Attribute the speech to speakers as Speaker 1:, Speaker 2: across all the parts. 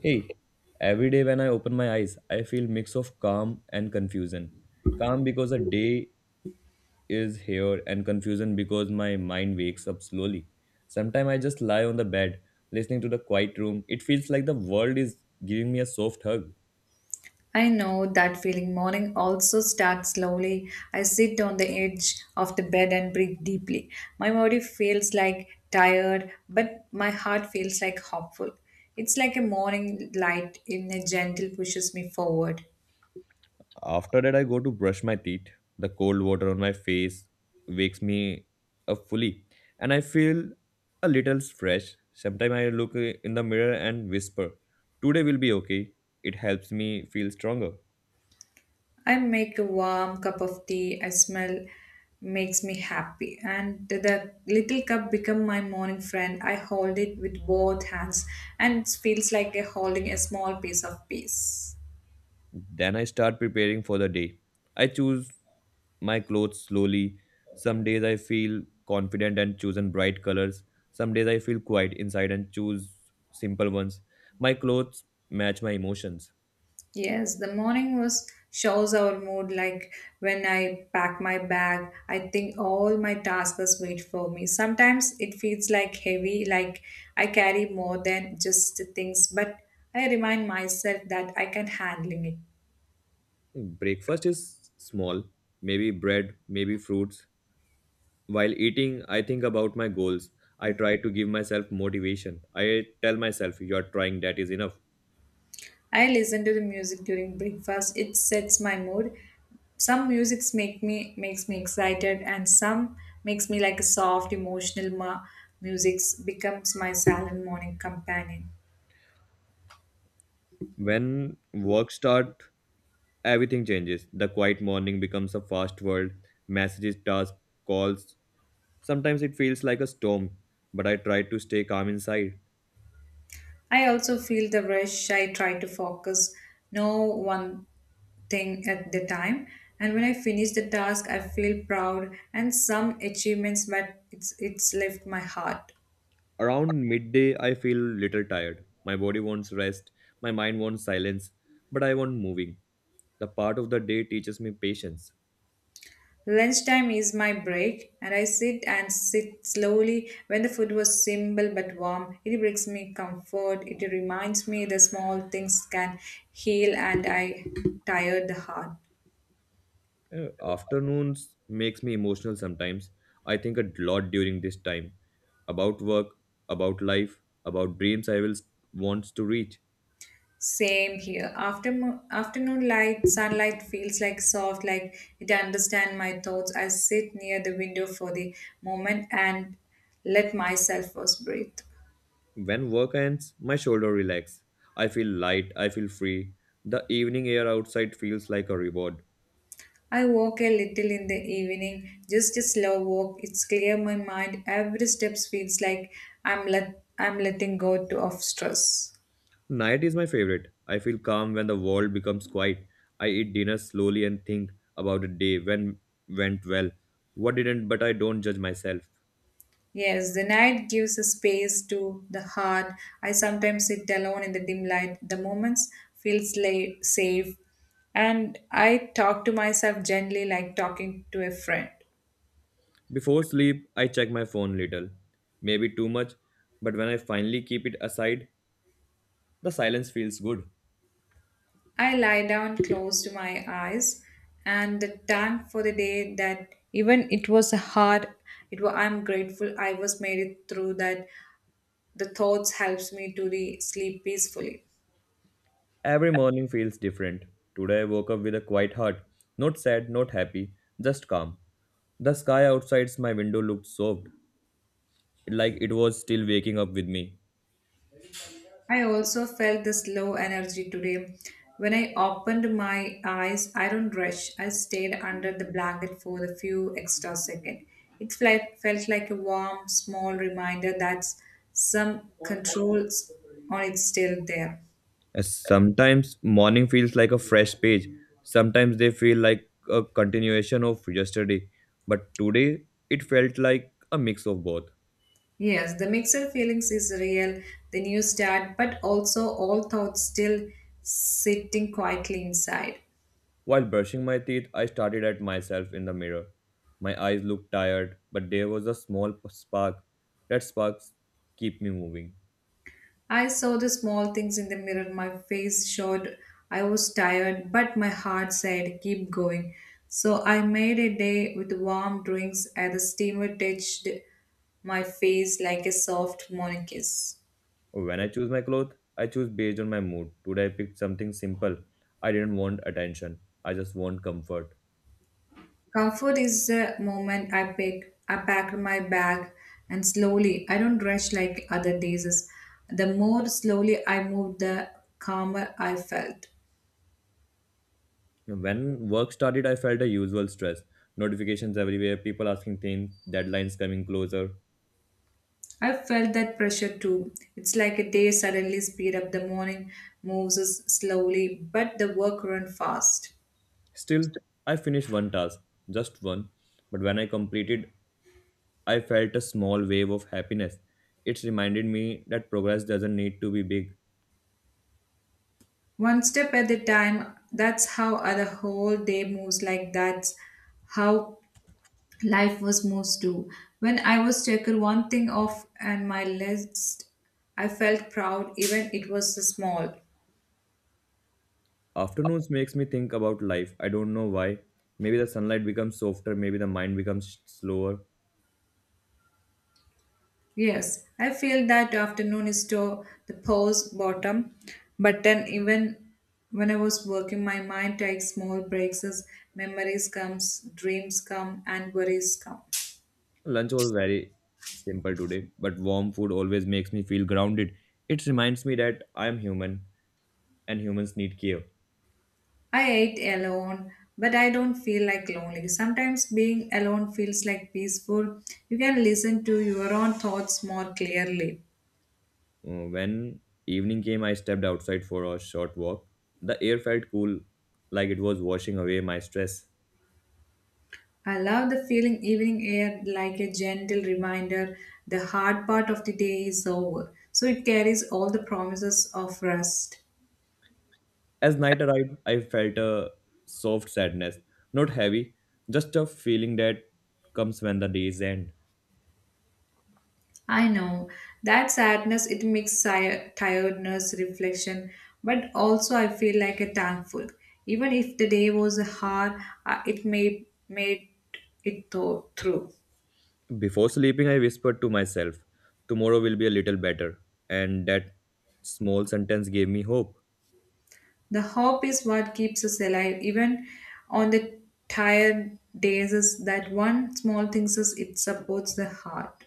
Speaker 1: Hey, every day when I open my eyes, I feel mix of calm and confusion. Calm because the day is here and confusion because my mind wakes up slowly. Sometimes I just lie on the bed listening to the quiet room. It feels like the world is giving me a soft hug.
Speaker 2: I know that feeling. Morning also starts slowly. I sit on the edge of the bed and breathe deeply. My body feels like tired, but my heart feels like hopeful. It's like a morning light in a gentle pushes me forward.
Speaker 1: After that, I go to brush my teeth. The cold water on my face wakes me up fully, and I feel a little fresh. Sometimes I look in the mirror and whisper, Today will be okay. It helps me feel stronger.
Speaker 2: I make a warm cup of tea. I smell makes me happy and the little cup become my morning friend. I hold it with both hands, and it feels like a holding a small piece of peace.
Speaker 1: Then I start preparing for the day. I choose my clothes slowly. Some days I feel confident and choose in bright colors. Some days I feel quiet inside and choose simple ones. My clothes match my emotions.
Speaker 2: Yes, the morning was shows our mood. Like when I pack my bag, I think all my tasks wait for me. Sometimes it feels like heavy, like I carry more than just the things, but I remind myself that I can handling it.
Speaker 1: Breakfast is small, maybe bread, maybe fruits. While eating, I think about my goals. I try to give myself motivation. I tell myself, you're trying, that is enough.
Speaker 2: I listen to the music during breakfast. It sets my mood. Some musics makes me excited, and some makes me like a soft emotional music becomes my silent morning companion.
Speaker 1: When work start, everything changes. The quiet morning becomes a fast world. Messages, tasks, calls. Sometimes it feels like a storm, but I try to stay calm inside.
Speaker 2: I also feel the rush. I try to focus no one thing at the time. And when I finish the task, I feel proud and some achievements, but it's left my heart.
Speaker 1: Around midday, I feel little tired. My body wants rest. My mind wants silence, but I want moving. The part of the day teaches me patience.
Speaker 2: Lunchtime is my break, and I sit slowly. When the food was simple but warm, it brings me comfort. It reminds me the small things can heal, and I tired the heart.
Speaker 1: Afternoons makes me emotional sometimes. I think a lot during this time about work, about life, about dreams I will wants to reach.
Speaker 2: Same here. After afternoon light, sunlight feels like soft, like it understand my thoughts. I sit near the window for the moment and let myself first breathe.
Speaker 1: When work ends, my shoulder relax. I feel light, I feel free. The evening air outside feels like a reward.
Speaker 2: I walk a little in the evening, just a slow walk. It's clear my mind. Every step feels like I'm letting go to of stress.
Speaker 1: Night is my favorite. I feel calm when the world becomes quiet. I eat dinner slowly and think about the day when went well. What didn't, but I don't judge myself.
Speaker 2: Yes, the night gives a space to the heart. I sometimes sit alone in the dim light. The moments feel safe, and I talk to myself gently, like talking to a friend.
Speaker 1: Before sleep, I check my phone little, maybe too much, but when I finally keep it aside, the silence feels good.
Speaker 2: I lie down, close to my eyes, and the thank for the day that even it was hard. It was I'm grateful I was made it through that. The thoughts helps me to sleep peacefully.
Speaker 1: Every morning feels different. Today I woke up with a quiet heart, not sad, not happy, just calm. The sky outside my window looked soft, like it was still waking up with me.
Speaker 2: I also felt this low energy today. When I opened my eyes, I don't rush. I stayed under the blanket for a few extra seconds. It felt like a warm, small reminder that some controls on it's still there.
Speaker 1: Sometimes morning feels like a fresh page. Sometimes they feel like a continuation of yesterday, but today it felt like a mix of both.
Speaker 2: Yes, the mixed feelings is real, the new start, but also all thoughts still sitting quietly inside.
Speaker 1: While brushing my teeth, I started at myself in the mirror. My eyes looked tired, but there was a small spark. That sparks keep me moving.
Speaker 2: I saw the small things in the mirror. My face showed I was tired, but my heart said, keep going. So I made a day with warm drinks as the steamer touched my face like a soft morning kiss.
Speaker 1: Oh, when I choose my clothes, I choose based on my mood. Today I picked something simple. I didn't want attention. I just want comfort.
Speaker 2: Comfort is the moment I pick, I packed my bag and slowly, I don't rush like other days. The more slowly I moved, the calmer I felt.
Speaker 1: When work started, I felt the usual stress. Notifications everywhere, people asking things, deadlines coming closer.
Speaker 2: I've felt that pressure too. It's like a day suddenly speed up the morning, moves us slowly, but the work run fast.
Speaker 1: Still, I finished one task, just one. But when I completed I felt a small wave of happiness. It reminded me that progress doesn't need to be big.
Speaker 2: One step at a time, that's how the whole day moves, like that's how life was moves too. When I was taken one thing off and my list, I felt proud even it was small.
Speaker 1: Afternoons makes me think about life. I don't know why. Maybe the sunlight becomes softer, maybe the mind becomes slower.
Speaker 2: Yes, I feel that afternoon is to the pause bottom, but then even when I was working, my mind takes small breaks as memories comes, dreams come, and worries come.
Speaker 1: Lunch was very simple today, but warm food always makes me feel grounded. It reminds me that I am human and humans need care.
Speaker 2: I ate alone, but I don't feel like lonely. Sometimes being alone feels like peaceful. You can listen to your own thoughts more clearly.
Speaker 1: When evening came, I stepped outside for a short walk. The air felt cool, like it was washing away my stress.
Speaker 2: I love the feeling evening air like a gentle reminder the hard part of the day is over. So it carries all the promises of rest.
Speaker 1: As night arrived, I felt a soft sadness, not heavy, just a feeling that comes when the days end.
Speaker 2: I know that sadness it makes tiredness reflection, but also I feel like a thankful. Even if the day was hard, it may made it through.
Speaker 1: Before sleeping, I whispered to myself, Tomorrow will be a little better. And that small sentence gave me hope.
Speaker 2: The hope is what keeps us alive, even on the tired days. Is that one small thing is it supports the heart.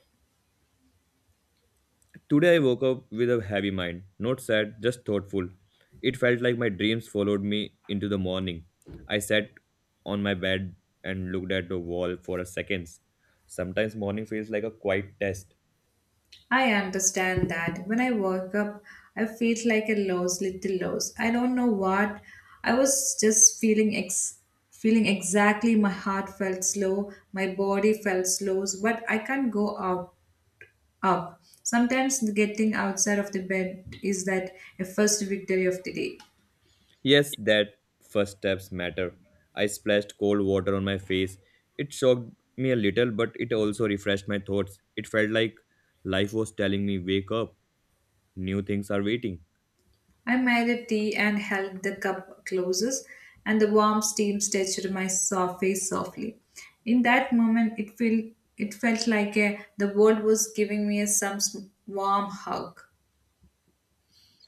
Speaker 1: Today, I woke up with a heavy mind, not sad, just thoughtful. It felt like my dreams followed me into the morning. I sat on my bed and looked at the wall for a seconds. Sometimes morning feels like a quiet test.
Speaker 2: I understand that. When I woke up, I feel like a lost little lost. I don't know what. I was just feeling feeling exactly. My heart felt slow. My body felt slow. But I can't go out up. Sometimes getting outside of the bed is that a first victory of the day.
Speaker 1: Yes, that first steps matter. I splashed cold water on my face. It shocked me a little, but it also refreshed my thoughts. It felt like life was telling me, wake up, new things are waiting.
Speaker 2: I made a tea and held the cup closest, and the warm steam touched my soft face softly. In that moment, it felt like a, the world was giving me a, some warm hug.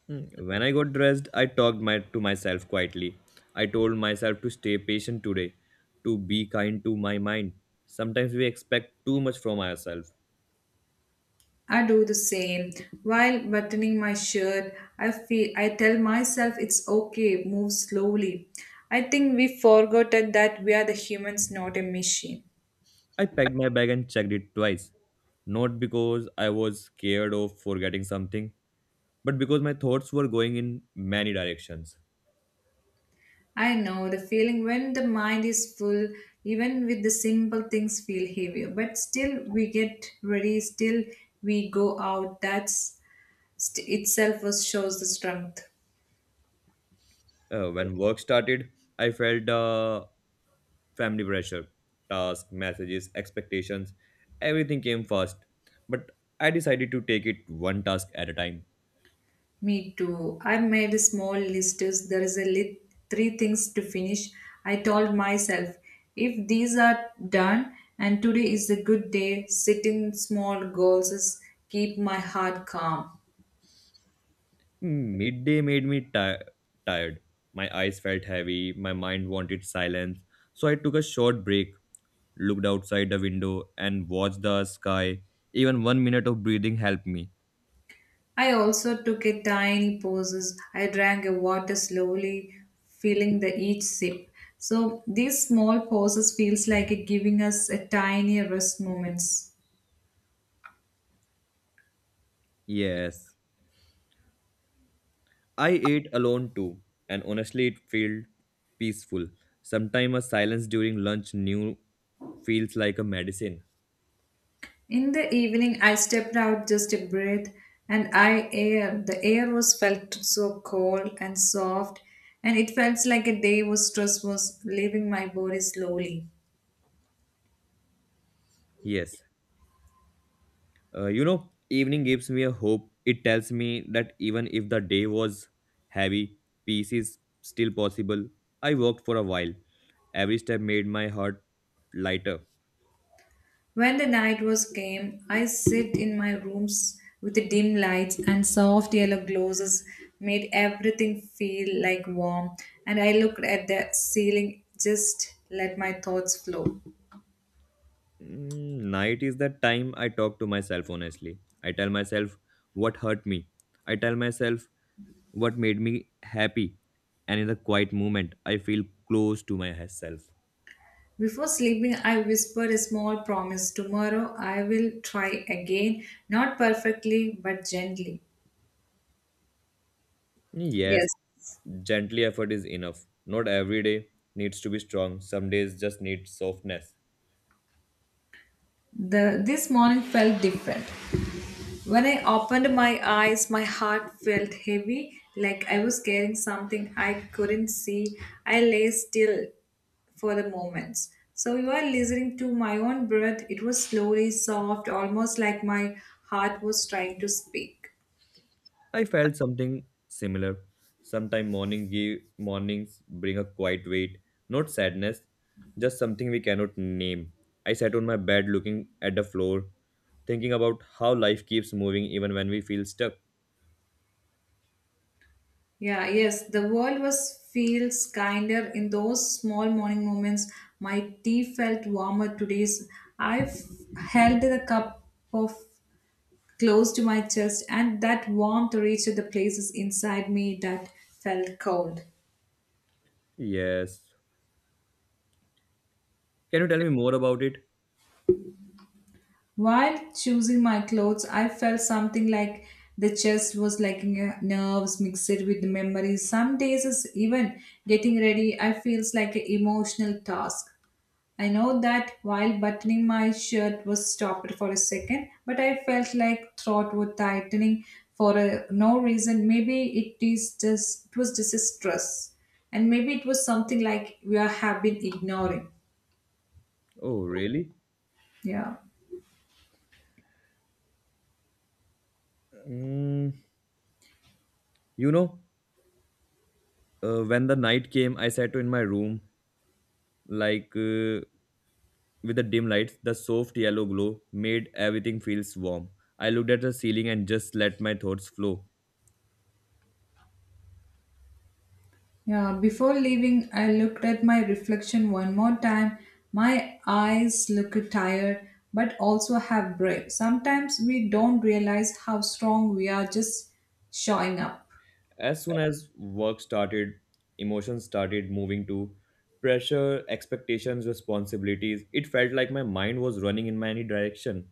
Speaker 1: Mm. When I got dressed, I talked to myself quietly. I told myself to stay patient today, to be kind to my mind. Sometimes we expect too much from ourselves.
Speaker 2: I do the same while buttoning my shirt. I feel I tell myself it's okay. Move slowly. I think we forgotten that we are the humans, not a machine.
Speaker 1: I packed my bag and checked it twice. Not because I was scared of forgetting something, but because my thoughts were going in many directions.
Speaker 2: I know the feeling when the mind is full, even with the simple things feel heavier. But still, we get ready. Still, we go out. That's itself shows the strength.
Speaker 1: When work started, I felt family pressure, tasks, messages, expectations, everything came fast. But I decided to take it one task at a time.
Speaker 2: Me too. I made a small list. Is There is a lit- three things to finish. I told myself, if these are done, and today is a good day. Setting small goals is keep my heart calm.
Speaker 1: Midday made me tired. My eyes felt heavy, my mind wanted silence. So I took a short break, looked outside the window, and watched the sky. Even 1 minute of breathing helped me.
Speaker 2: I also took a tiny pauses. I drank a water slowly, feeling the each sip. So these small pauses feels like it giving us a tiny rest moments.
Speaker 1: Yes, I ate alone too, and honestly, it felt peaceful. Sometimes a silence during lunch new feels like a medicine.
Speaker 2: In the evening, I stepped out just a breath, and I air. The air was felt so cold and soft, and it felt like a day was stress was leaving my body slowly.
Speaker 1: Yes, evening gives me a hope. It tells me that even if the day was heavy, peace is still possible. I walked for a while. Every step made my heart lighter.
Speaker 2: When the night was came, I sit in my rooms with the dim lights and soft yellow glosses made everything feel like warm, and I looked at the ceiling just let my thoughts flow.
Speaker 1: Mm, night is the time I talk to myself honestly. I tell myself what hurt me. I tell myself what made me happy, and in the quiet moment I feel close to myself.
Speaker 2: Before sleeping, I whispered a small promise: tomorrow I will try again, not perfectly but gently.
Speaker 1: Yes,
Speaker 2: Yes.
Speaker 1: gently effort is enough. Not every day needs to be strong. Some days just need softness.
Speaker 2: The this morning felt different. When I opened my eyes, my heart felt heavy, like I was carrying something I couldn't see. I lay still for the moments. So you are listening to my own breath. It was slowly soft, almost like my heart was trying to speak.
Speaker 1: I felt something similar. Sometime morning give mornings bring a quiet weight, not sadness, just something we cannot name. I sat on my bed looking at the floor, thinking about how life keeps moving even when we feel stuck.
Speaker 2: Yeah, yes, the world was feels kinder in those small morning moments. My tea felt warmer today's. I f- held the cup of close to my chest, and that warmth reached the places inside me that felt cold.
Speaker 1: Yes, can you tell me more about it?
Speaker 2: While choosing my clothes, I felt something like the chest was like nerves mixed with memories. Some days, is even getting ready, I feels like an emotional task. I know that while buttoning my shirt was stopped for a second, but I felt like throat was tightening for a, no reason. Maybe it was just a stress, and maybe it was something like we are have been ignoring.
Speaker 1: Oh, really?
Speaker 2: Yeah,
Speaker 1: Mm, you know, when the night came, I sat in my room, like uh, with the dim lights, the soft yellow glow made everything feels warm. I looked at the ceiling and just let my thoughts flow.
Speaker 2: yeah. Before leaving, I looked at my reflection one more time. My eyes look tired, but also have brave. Sometimes we don't realize how strong we are just showing up.
Speaker 1: As soon as work started, emotions started moving to pressure, expectations, responsibilities. It felt like my mind was running in many direction.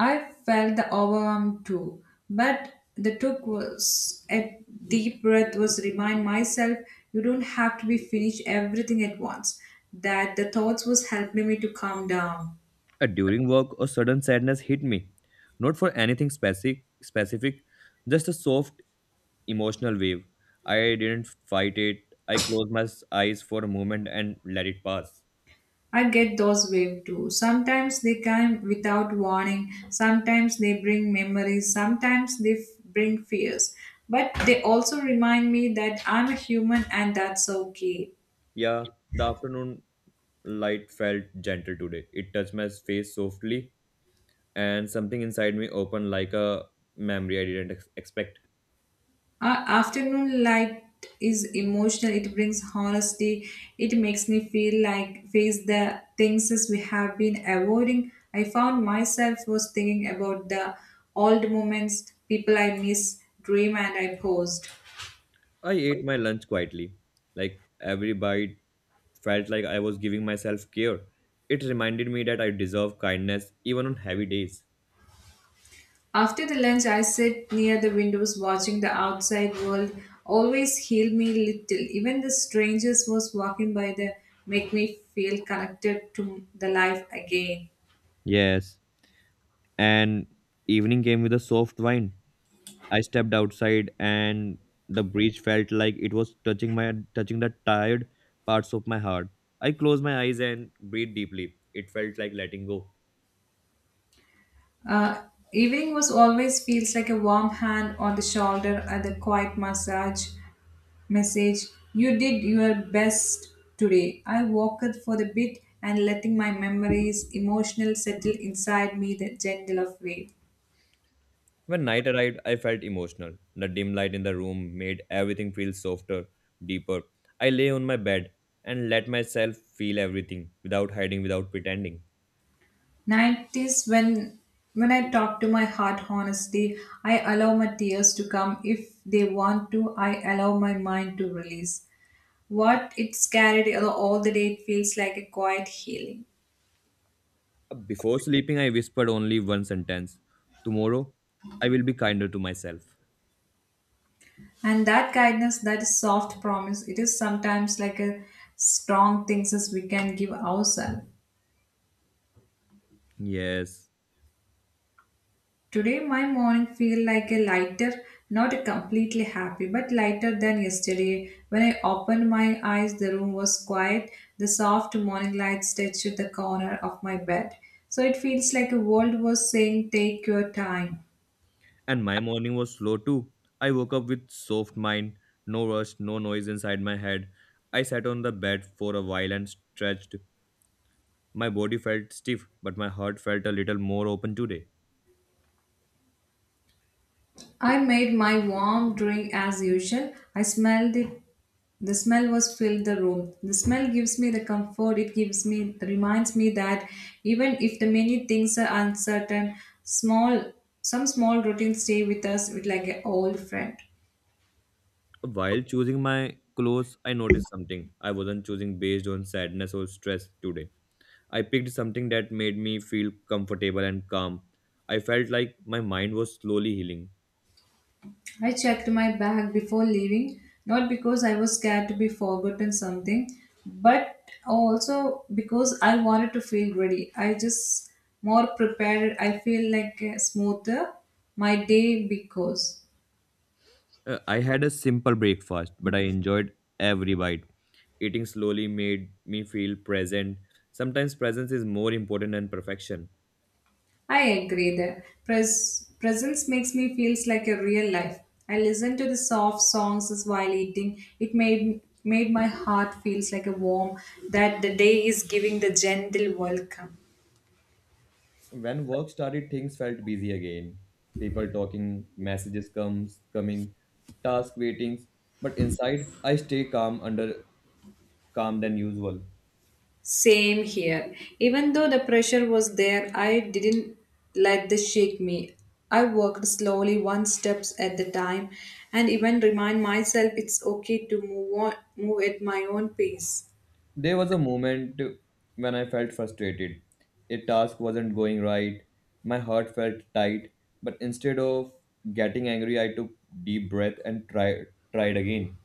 Speaker 2: I felt the overwhelm too, but the took was a deep breath was remind myself you don't have to be finished everything at once. That the thoughts was helping me to calm down.
Speaker 1: During work, a sudden sadness hit me, not for anything specific, just a soft emotional wave. I didn't fight it. I closed my eyes for a moment and let it pass.
Speaker 2: I get those waves too. Sometimes they come without warning. Sometimes they bring memories. Sometimes they bring fears. But they also remind me that I'm a human and that's okay.
Speaker 1: Yeah, the afternoon light felt gentle today. It touched my face softly, and something inside me opened like a memory I didn't expect.
Speaker 2: Afternoon light is emotional. It brings honesty. It makes me feel like face the things as we have been avoiding. I found myself was thinking about the old moments, people I miss, dream, and I paused.
Speaker 1: I ate my lunch quietly. Like every bite felt like I was giving myself care. It reminded me that I deserve kindness even on heavy days.
Speaker 2: After the lunch, I sat near the windows watching the outside world. Always heal me little. Even the strangers was walking by the make me feel connected to the life again.
Speaker 1: Yes, and evening came with a soft wine. I stepped outside and the breeze felt like it was touching the tired parts of my heart. I closed my eyes and breathed deeply. It felt like letting go.
Speaker 2: Uh, Evening was always feels like a warm hand on the shoulder and a quiet massage message. You did your best today. I walked for a bit and letting my memories emotional settle inside me the gentle of way.
Speaker 1: When night arrived, I felt emotional. The dim light in the room made everything feel softer, deeper. I lay on my bed and let myself feel everything without hiding, without pretending.
Speaker 2: Night is when I talk to my heart honestly, I allow my tears to come. If they want to, I allow my mind to release. What it's carried all the day, it feels like a quiet healing.
Speaker 1: Before sleeping, I whispered only one sentence. Tomorrow, I will be kinder to myself.
Speaker 2: And that kindness, that is soft promise, it is sometimes like a strong things as we can give ourselves.
Speaker 1: Yes.
Speaker 2: Today my morning feel like a lighter, not a completely happy, but lighter than yesterday. When I opened my eyes, the room was quiet. The soft morning light touched the corner of my bed. So it feels like a world was saying, take your time.
Speaker 1: And my morning was slow too. I woke up with soft mind, no rush, no noise inside my head. I sat on the bed for a while and stretched. My body felt stiff, but my heart felt a little more open today.
Speaker 2: I made my warm drink as usual. I smelled it. The smell was filled the room. The smell gives me the comfort. It gives me reminds me that even if the many things are uncertain, small some small routines stay with us with like an old friend.
Speaker 1: While choosing my clothes, I noticed something. I wasn't choosing based on sadness or stress today. I picked something that made me feel comfortable and calm. I felt like my mind was slowly healing.
Speaker 2: I checked my bag before leaving, not because I was scared to be forgotten something, but also because I wanted to feel ready. I just more prepared. I feel like smoother my day because
Speaker 1: I had a simple breakfast, but I enjoyed every bite. Eating slowly made me feel present. Sometimes presence is more important than perfection.
Speaker 2: I agree that presence makes me feels like a real life. I listened to the soft songs as while eating. It made my heart feels like a warm that the day is giving the gentle welcome.
Speaker 1: When work started, things felt busy again. People talking, messages comes coming, task waitings. But inside, I stay calm under calm than usual.
Speaker 2: Same here. Even though the pressure was there, I didn't let this shake me. I worked slowly, one steps at the time, and even remind myself it's okay to move on, move at my own pace.
Speaker 1: There was a moment when I felt frustrated. A task wasn't going right. My heart felt tight, but instead of getting angry, I took deep breath and tried again.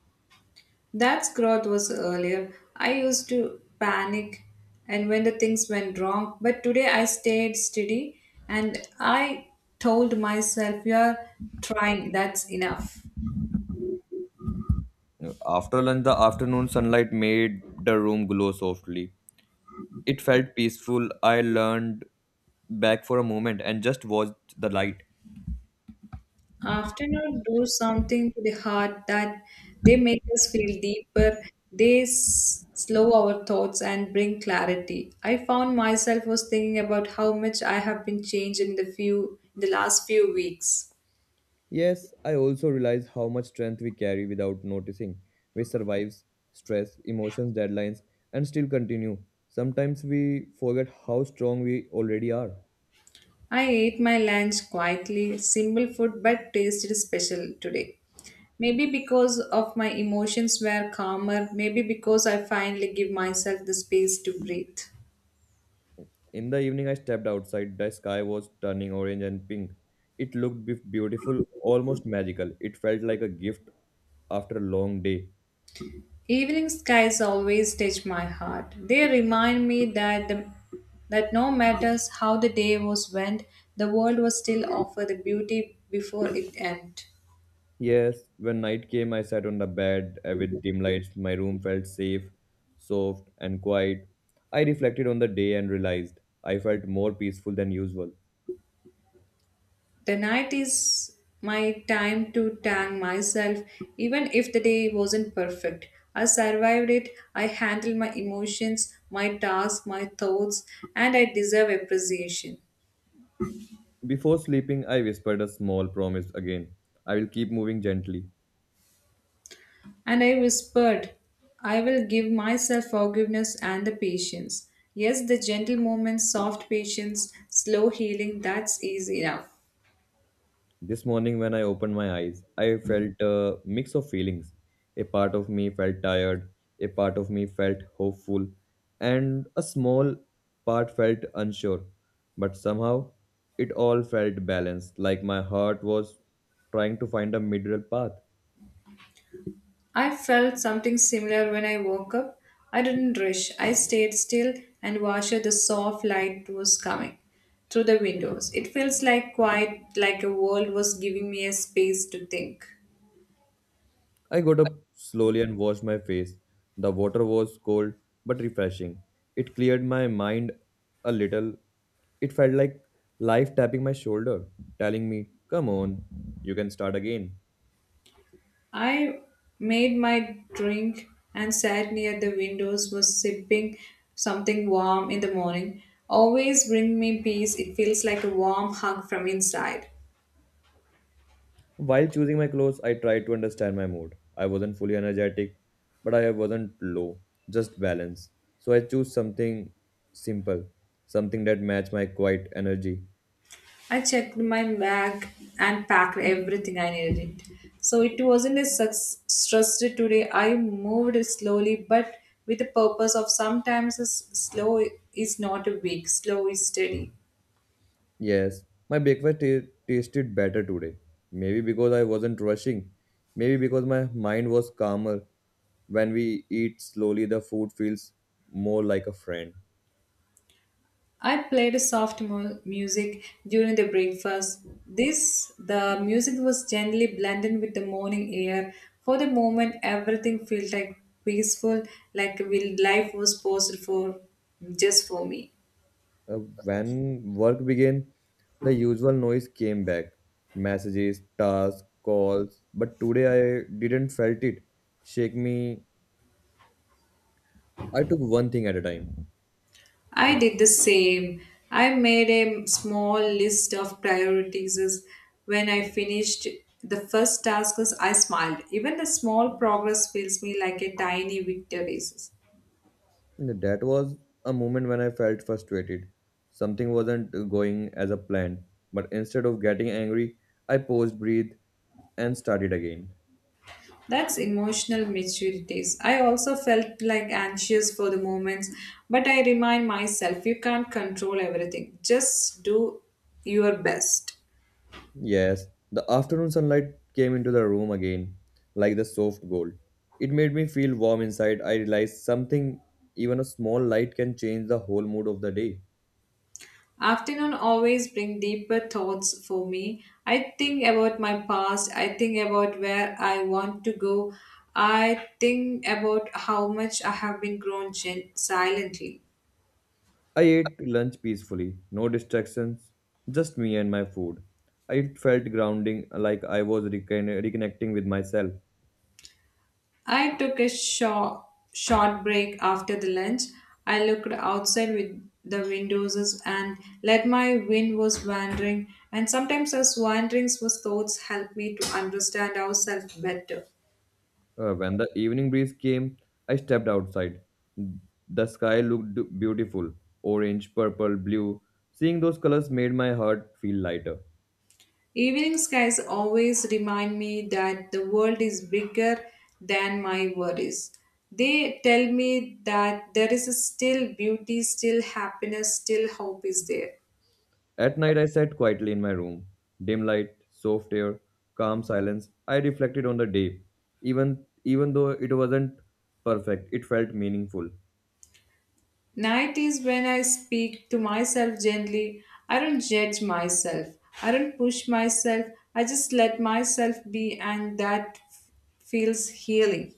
Speaker 2: That's growth was earlier. I used to panic and when the things went wrong, but today I stayed steady and I told myself, "You're trying, that's enough."
Speaker 1: After lunch, the afternoon sunlight made the room glow softly. It felt peaceful. I leaned back for a moment and just watched the light.
Speaker 2: Afternoon do something to the heart that they make us feel deeper, they slow our thoughts and bring clarity. I found myself was thinking about how much I have been changed in the last few weeks.
Speaker 1: Yes, I also realize how much strength we carry without noticing. We survive stress, emotions, deadlines, and still continue. Sometimes we forget how strong we already are.
Speaker 2: I ate my lunch quietly, simple food but tasted special today. Maybe because of my emotions were calmer, maybe because I finally give myself the space to breathe.
Speaker 1: In the evening, I stepped outside. The sky was turning orange and pink. It looked beautiful, almost magical. It felt like a gift after a long day.
Speaker 2: Evening skies always touch my heart. They remind me that no matter how the day was went, the world was still offer the beauty before it end.
Speaker 1: Yes, when night came, I sat on the bed with dim lights. My room felt safe, soft, and quiet. I reflected on the day and realized I felt more peaceful than usual.
Speaker 2: The night is my time to thank myself, even if the day wasn't perfect. I survived it. I handled my emotions, my tasks, my thoughts, and I deserve appreciation.
Speaker 1: Before sleeping, I whispered a small promise again. I will keep moving gently.
Speaker 2: And I whispered, I will give myself forgiveness and the patience. Yes, the gentle moments, soft patience, slow healing, that's easy enough.
Speaker 1: This morning, when I opened my eyes, I felt a mix of feelings. A part of me felt tired, a part of me felt hopeful, and a small part felt unsure. But somehow, it all felt balanced, like my heart was trying to find a middle path.
Speaker 2: I felt something similar when I woke up. I didn't rush. I stayed still and watched the soft light was coming through the windows. It feels like quiet, like a world was giving me a space to think.
Speaker 1: I got up slowly and washed my face. The water was cold but refreshing. It cleared my mind a little. It felt like life tapping my shoulder, telling me, "Come on, you can start again."
Speaker 2: I made my drink and sat near the windows, was sipping something warm in the morning. Always bring me peace, it feels like a warm hug from inside.
Speaker 1: While choosing my clothes, I tried to understand my mood. I wasn't fully energetic, but I wasn't low, just balance. So I chose something simple, something that matched my quiet energy.
Speaker 2: I checked my bag and packed everything I needed. So it wasn't a success stressful today. I moved slowly, but with the purpose of sometimes slow is not a weak, slow is steady.
Speaker 1: Yes, my breakfast tasted better today. Maybe because I wasn't rushing. Maybe because my mind was calmer. When we eat slowly, the food feels more like a friend.
Speaker 2: I played soft music during the breakfast. This the music was gently blended with the morning air. For the moment, everything felt like peaceful, like will life was paused for just for me.
Speaker 1: When work began, the usual noise came back, messages, tasks, calls. But today I didn't felt it shake me. I took one thing at a time.
Speaker 2: I did the same. I made a small list of priorities. When I finished the first task, I smiled. Even the small progress feels me like a tiny victory.
Speaker 1: That was a moment when I felt frustrated. Something wasn't going as a planned, but instead of getting angry, I paused, breathed, and started again.
Speaker 2: That's emotional maturities. I also felt like anxious for the moments, but I remind myself you can't control everything. Just do your best.
Speaker 1: Yes, the afternoon sunlight came into the room again, like the soft gold. It made me feel warm inside. I realized something, even a small light can change the whole mood of the day.
Speaker 2: Afternoon always bring deeper thoughts for me. I think about my past, I think about where I want to go. I think about how much I have been grown silently.
Speaker 1: I ate lunch peacefully, no distractions, just me and my food. It felt grounding, like I was reconnecting with myself.
Speaker 2: I took a short break after the lunch. I looked outside with the windows and let my wind was wandering, and sometimes those wanderings was thoughts help me to understand ourselves better.
Speaker 1: When the evening breeze came, I stepped outside. The sky looked beautiful, orange, purple, blue. Seeing those colors made my heart feel lighter.
Speaker 2: Evening skies always remind me that the world is bigger than my worries. They tell me that there is still beauty, still happiness, still hope is there.
Speaker 1: At night, I sat quietly in my room. Dim light, soft air, calm silence. I reflected on the day. Even though it wasn't perfect, it felt meaningful.
Speaker 2: Night is when I speak to myself gently. I don't judge myself. I don't push myself. I just let myself be, and that feels healing.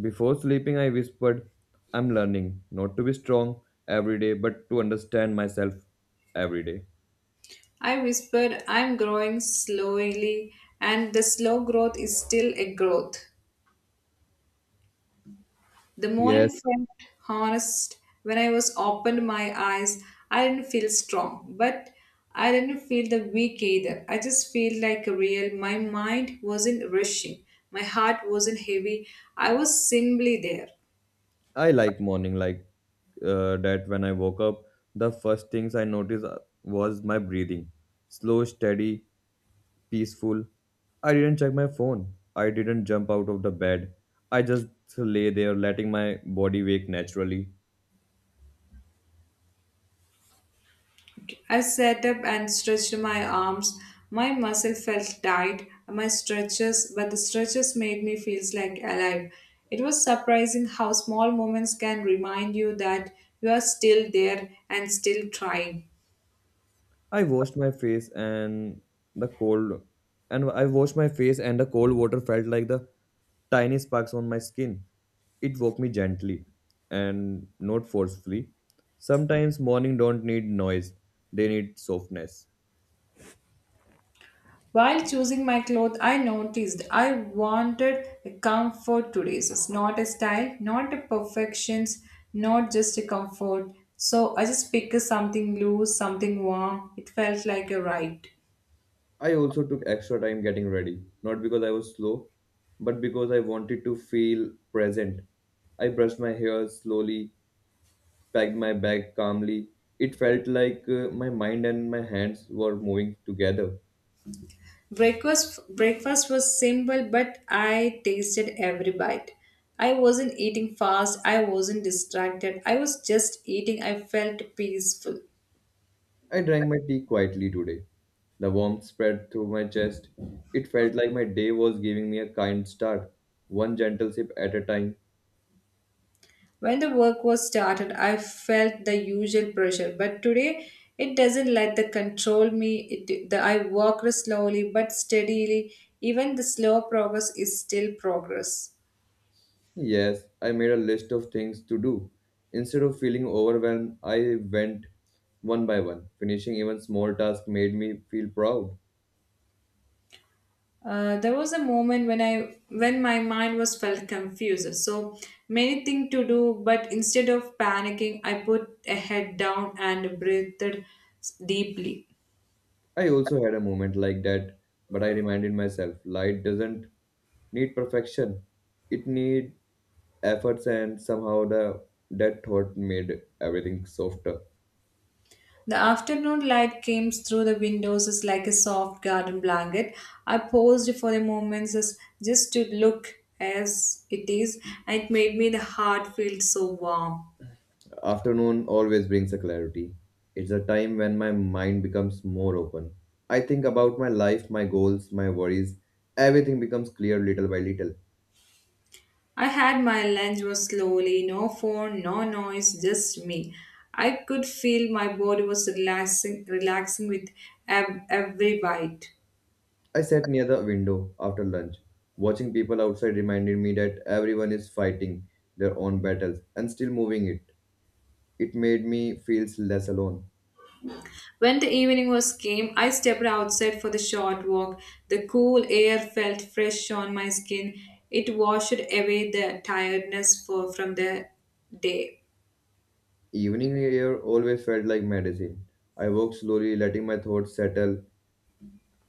Speaker 1: Before sleeping, I whispered, "I'm learning not to be strong every day, but to understand myself every day."
Speaker 2: I whispered, I'm growing slowly, and the slow growth is still a growth. The morning
Speaker 1: Yes,
Speaker 2: felt honest. When I was opened my eyes, I didn't feel strong, but I didn't feel the weak either. I just feel like a real. My mind wasn't rushing. My heart wasn't heavy. I was simply there.
Speaker 1: I like morning like that when I woke up, the first things I noticed was my breathing. Slow, steady, peaceful. I didn't check my phone. I didn't jump out of the bed. I just lay there letting my body wake naturally.
Speaker 2: I sat up and stretched my arms. My muscle felt tight. My stretches, but the stretches made me feel like alive. It was surprising how small moments can remind you that you are still there and still trying.
Speaker 1: I washed my face and the cold I washed my face and the cold water felt like the tiny sparks on my skin. It woke me gently and not forcefully. Sometimes morning don't need noise, they need softness.
Speaker 2: While choosing my clothes, I noticed I wanted a comfort today, so it's not a style, not a perfections, not just a comfort. So I just picked something loose, something warm. It felt like a right.
Speaker 1: I also took extra time getting ready, not because I was slow, but because I wanted to feel present. I brushed my hair slowly, packed my bag calmly. It felt like my mind and my hands were moving together.
Speaker 2: Breakfast was simple, but I tasted every bite. I wasn't eating fast. I wasn't distracted. I was just eating. I felt peaceful.
Speaker 1: I drank my tea quietly today. The warmth spread through my chest. It felt like my day was giving me a kind start, one gentle sip at a time.
Speaker 2: When the work was started, I felt the usual pressure, but today it doesn't let the control me. It, the, I walk slowly but steadily. Even the slow progress is still progress.
Speaker 1: Yes, I made a list of things to do. Instead of feeling overwhelmed, I went one by one. Finishing even small tasks made me feel proud.
Speaker 2: There was a moment when I when my mind was felt confused. So many things to do, but instead of panicking, I put a head down and breathed deeply.
Speaker 1: I also had a moment like that, but I reminded myself light doesn't need perfection. It need efforts, and somehow the that thought made everything softer.
Speaker 2: The afternoon light came through the windows as like a soft garden blanket. I paused for a moment as just to look as it is, and it made me the heart feel so warm.
Speaker 1: Afternoon always brings a clarity. It's a time when my mind becomes more open. I think about my life, my goals, my worries. Everything becomes clear little by little.
Speaker 2: I had my lunch was slowly, no phone, no noise, just me. I could feel my body was relaxing, relaxing with every bite.
Speaker 1: I sat near the window after lunch. Watching people outside reminded me that everyone is fighting their own battles and still moving it. It made me feel less alone.
Speaker 2: When the evening was came, I stepped outside for the short walk. The cool air felt fresh on my skin. It washed away the tiredness for, from the day.
Speaker 1: Evening air always felt like medicine. I walked slowly, letting my thoughts settle.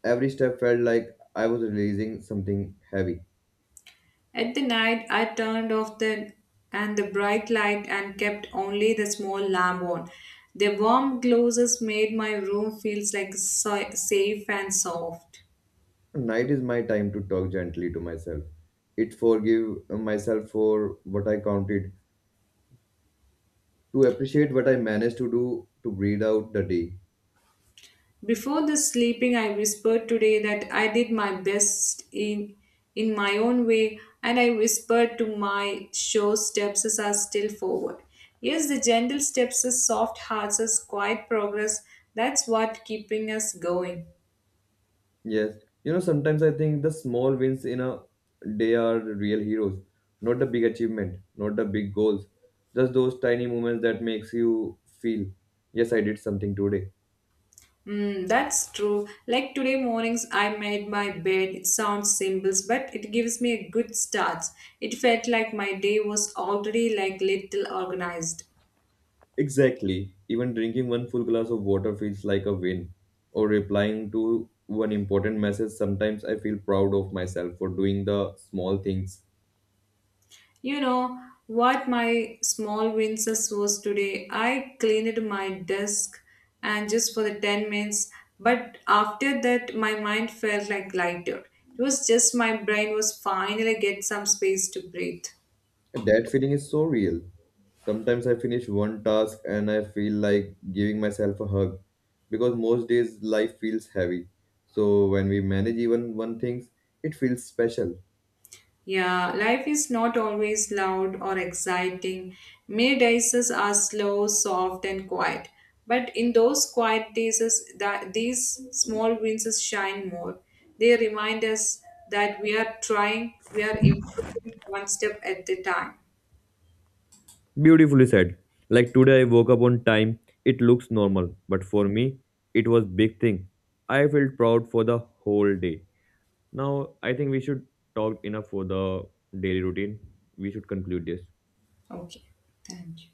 Speaker 1: Every step felt like I was releasing something heavy.
Speaker 2: At the night, I turned off the and the bright light and kept only the small lamp on. The warm glows made my room feels like safe and soft.
Speaker 1: Night is my time to talk gently to myself. It forgive myself for what I counted, to appreciate what I managed to do, to breathe out the day.
Speaker 2: Before the sleeping, I whispered today that I did my best in my own way, and I whispered to my sure steps as are still forward. Yes, the gentle steps, the soft hearts, as quiet progress. That's what keeping us going.
Speaker 1: Yes, you know, sometimes I think the small wins in a day are the real heroes, not the big achievement, not the big goals, just those tiny moments that makes you feel, yes, I did something today.
Speaker 2: Mm, that's true. Like today mornings, I made my bed. It sounds simple, but it gives me a good start. It felt like my day was already like little organized.
Speaker 1: Exactly. Even drinking one full glass of water feels like a win. Or replying to one important message, sometimes I feel proud of myself for doing the small things.
Speaker 2: You know what my small wins was today? I cleaned my desk and just for the 10 minutes, but after that my mind felt like lighter. It was just my brain was finally get some space to breathe.
Speaker 1: That feeling is so real. Sometimes I finish one task and I feel like giving myself a hug because most days life feels heavy. So when we manage even one thing, it feels special.
Speaker 2: Yeah, life is not always loud or exciting. Many days are slow, soft, and quiet. But in those quiet days, that these small wins shine more. They remind us that we are trying, we are improving one step at a time.
Speaker 1: Beautifully said. Like today I woke up on time. It looks normal, but for me it was big thing. I felt proud for the whole day. Now I think we should talk enough for the daily routine. We should conclude this.
Speaker 2: Okay, thank you.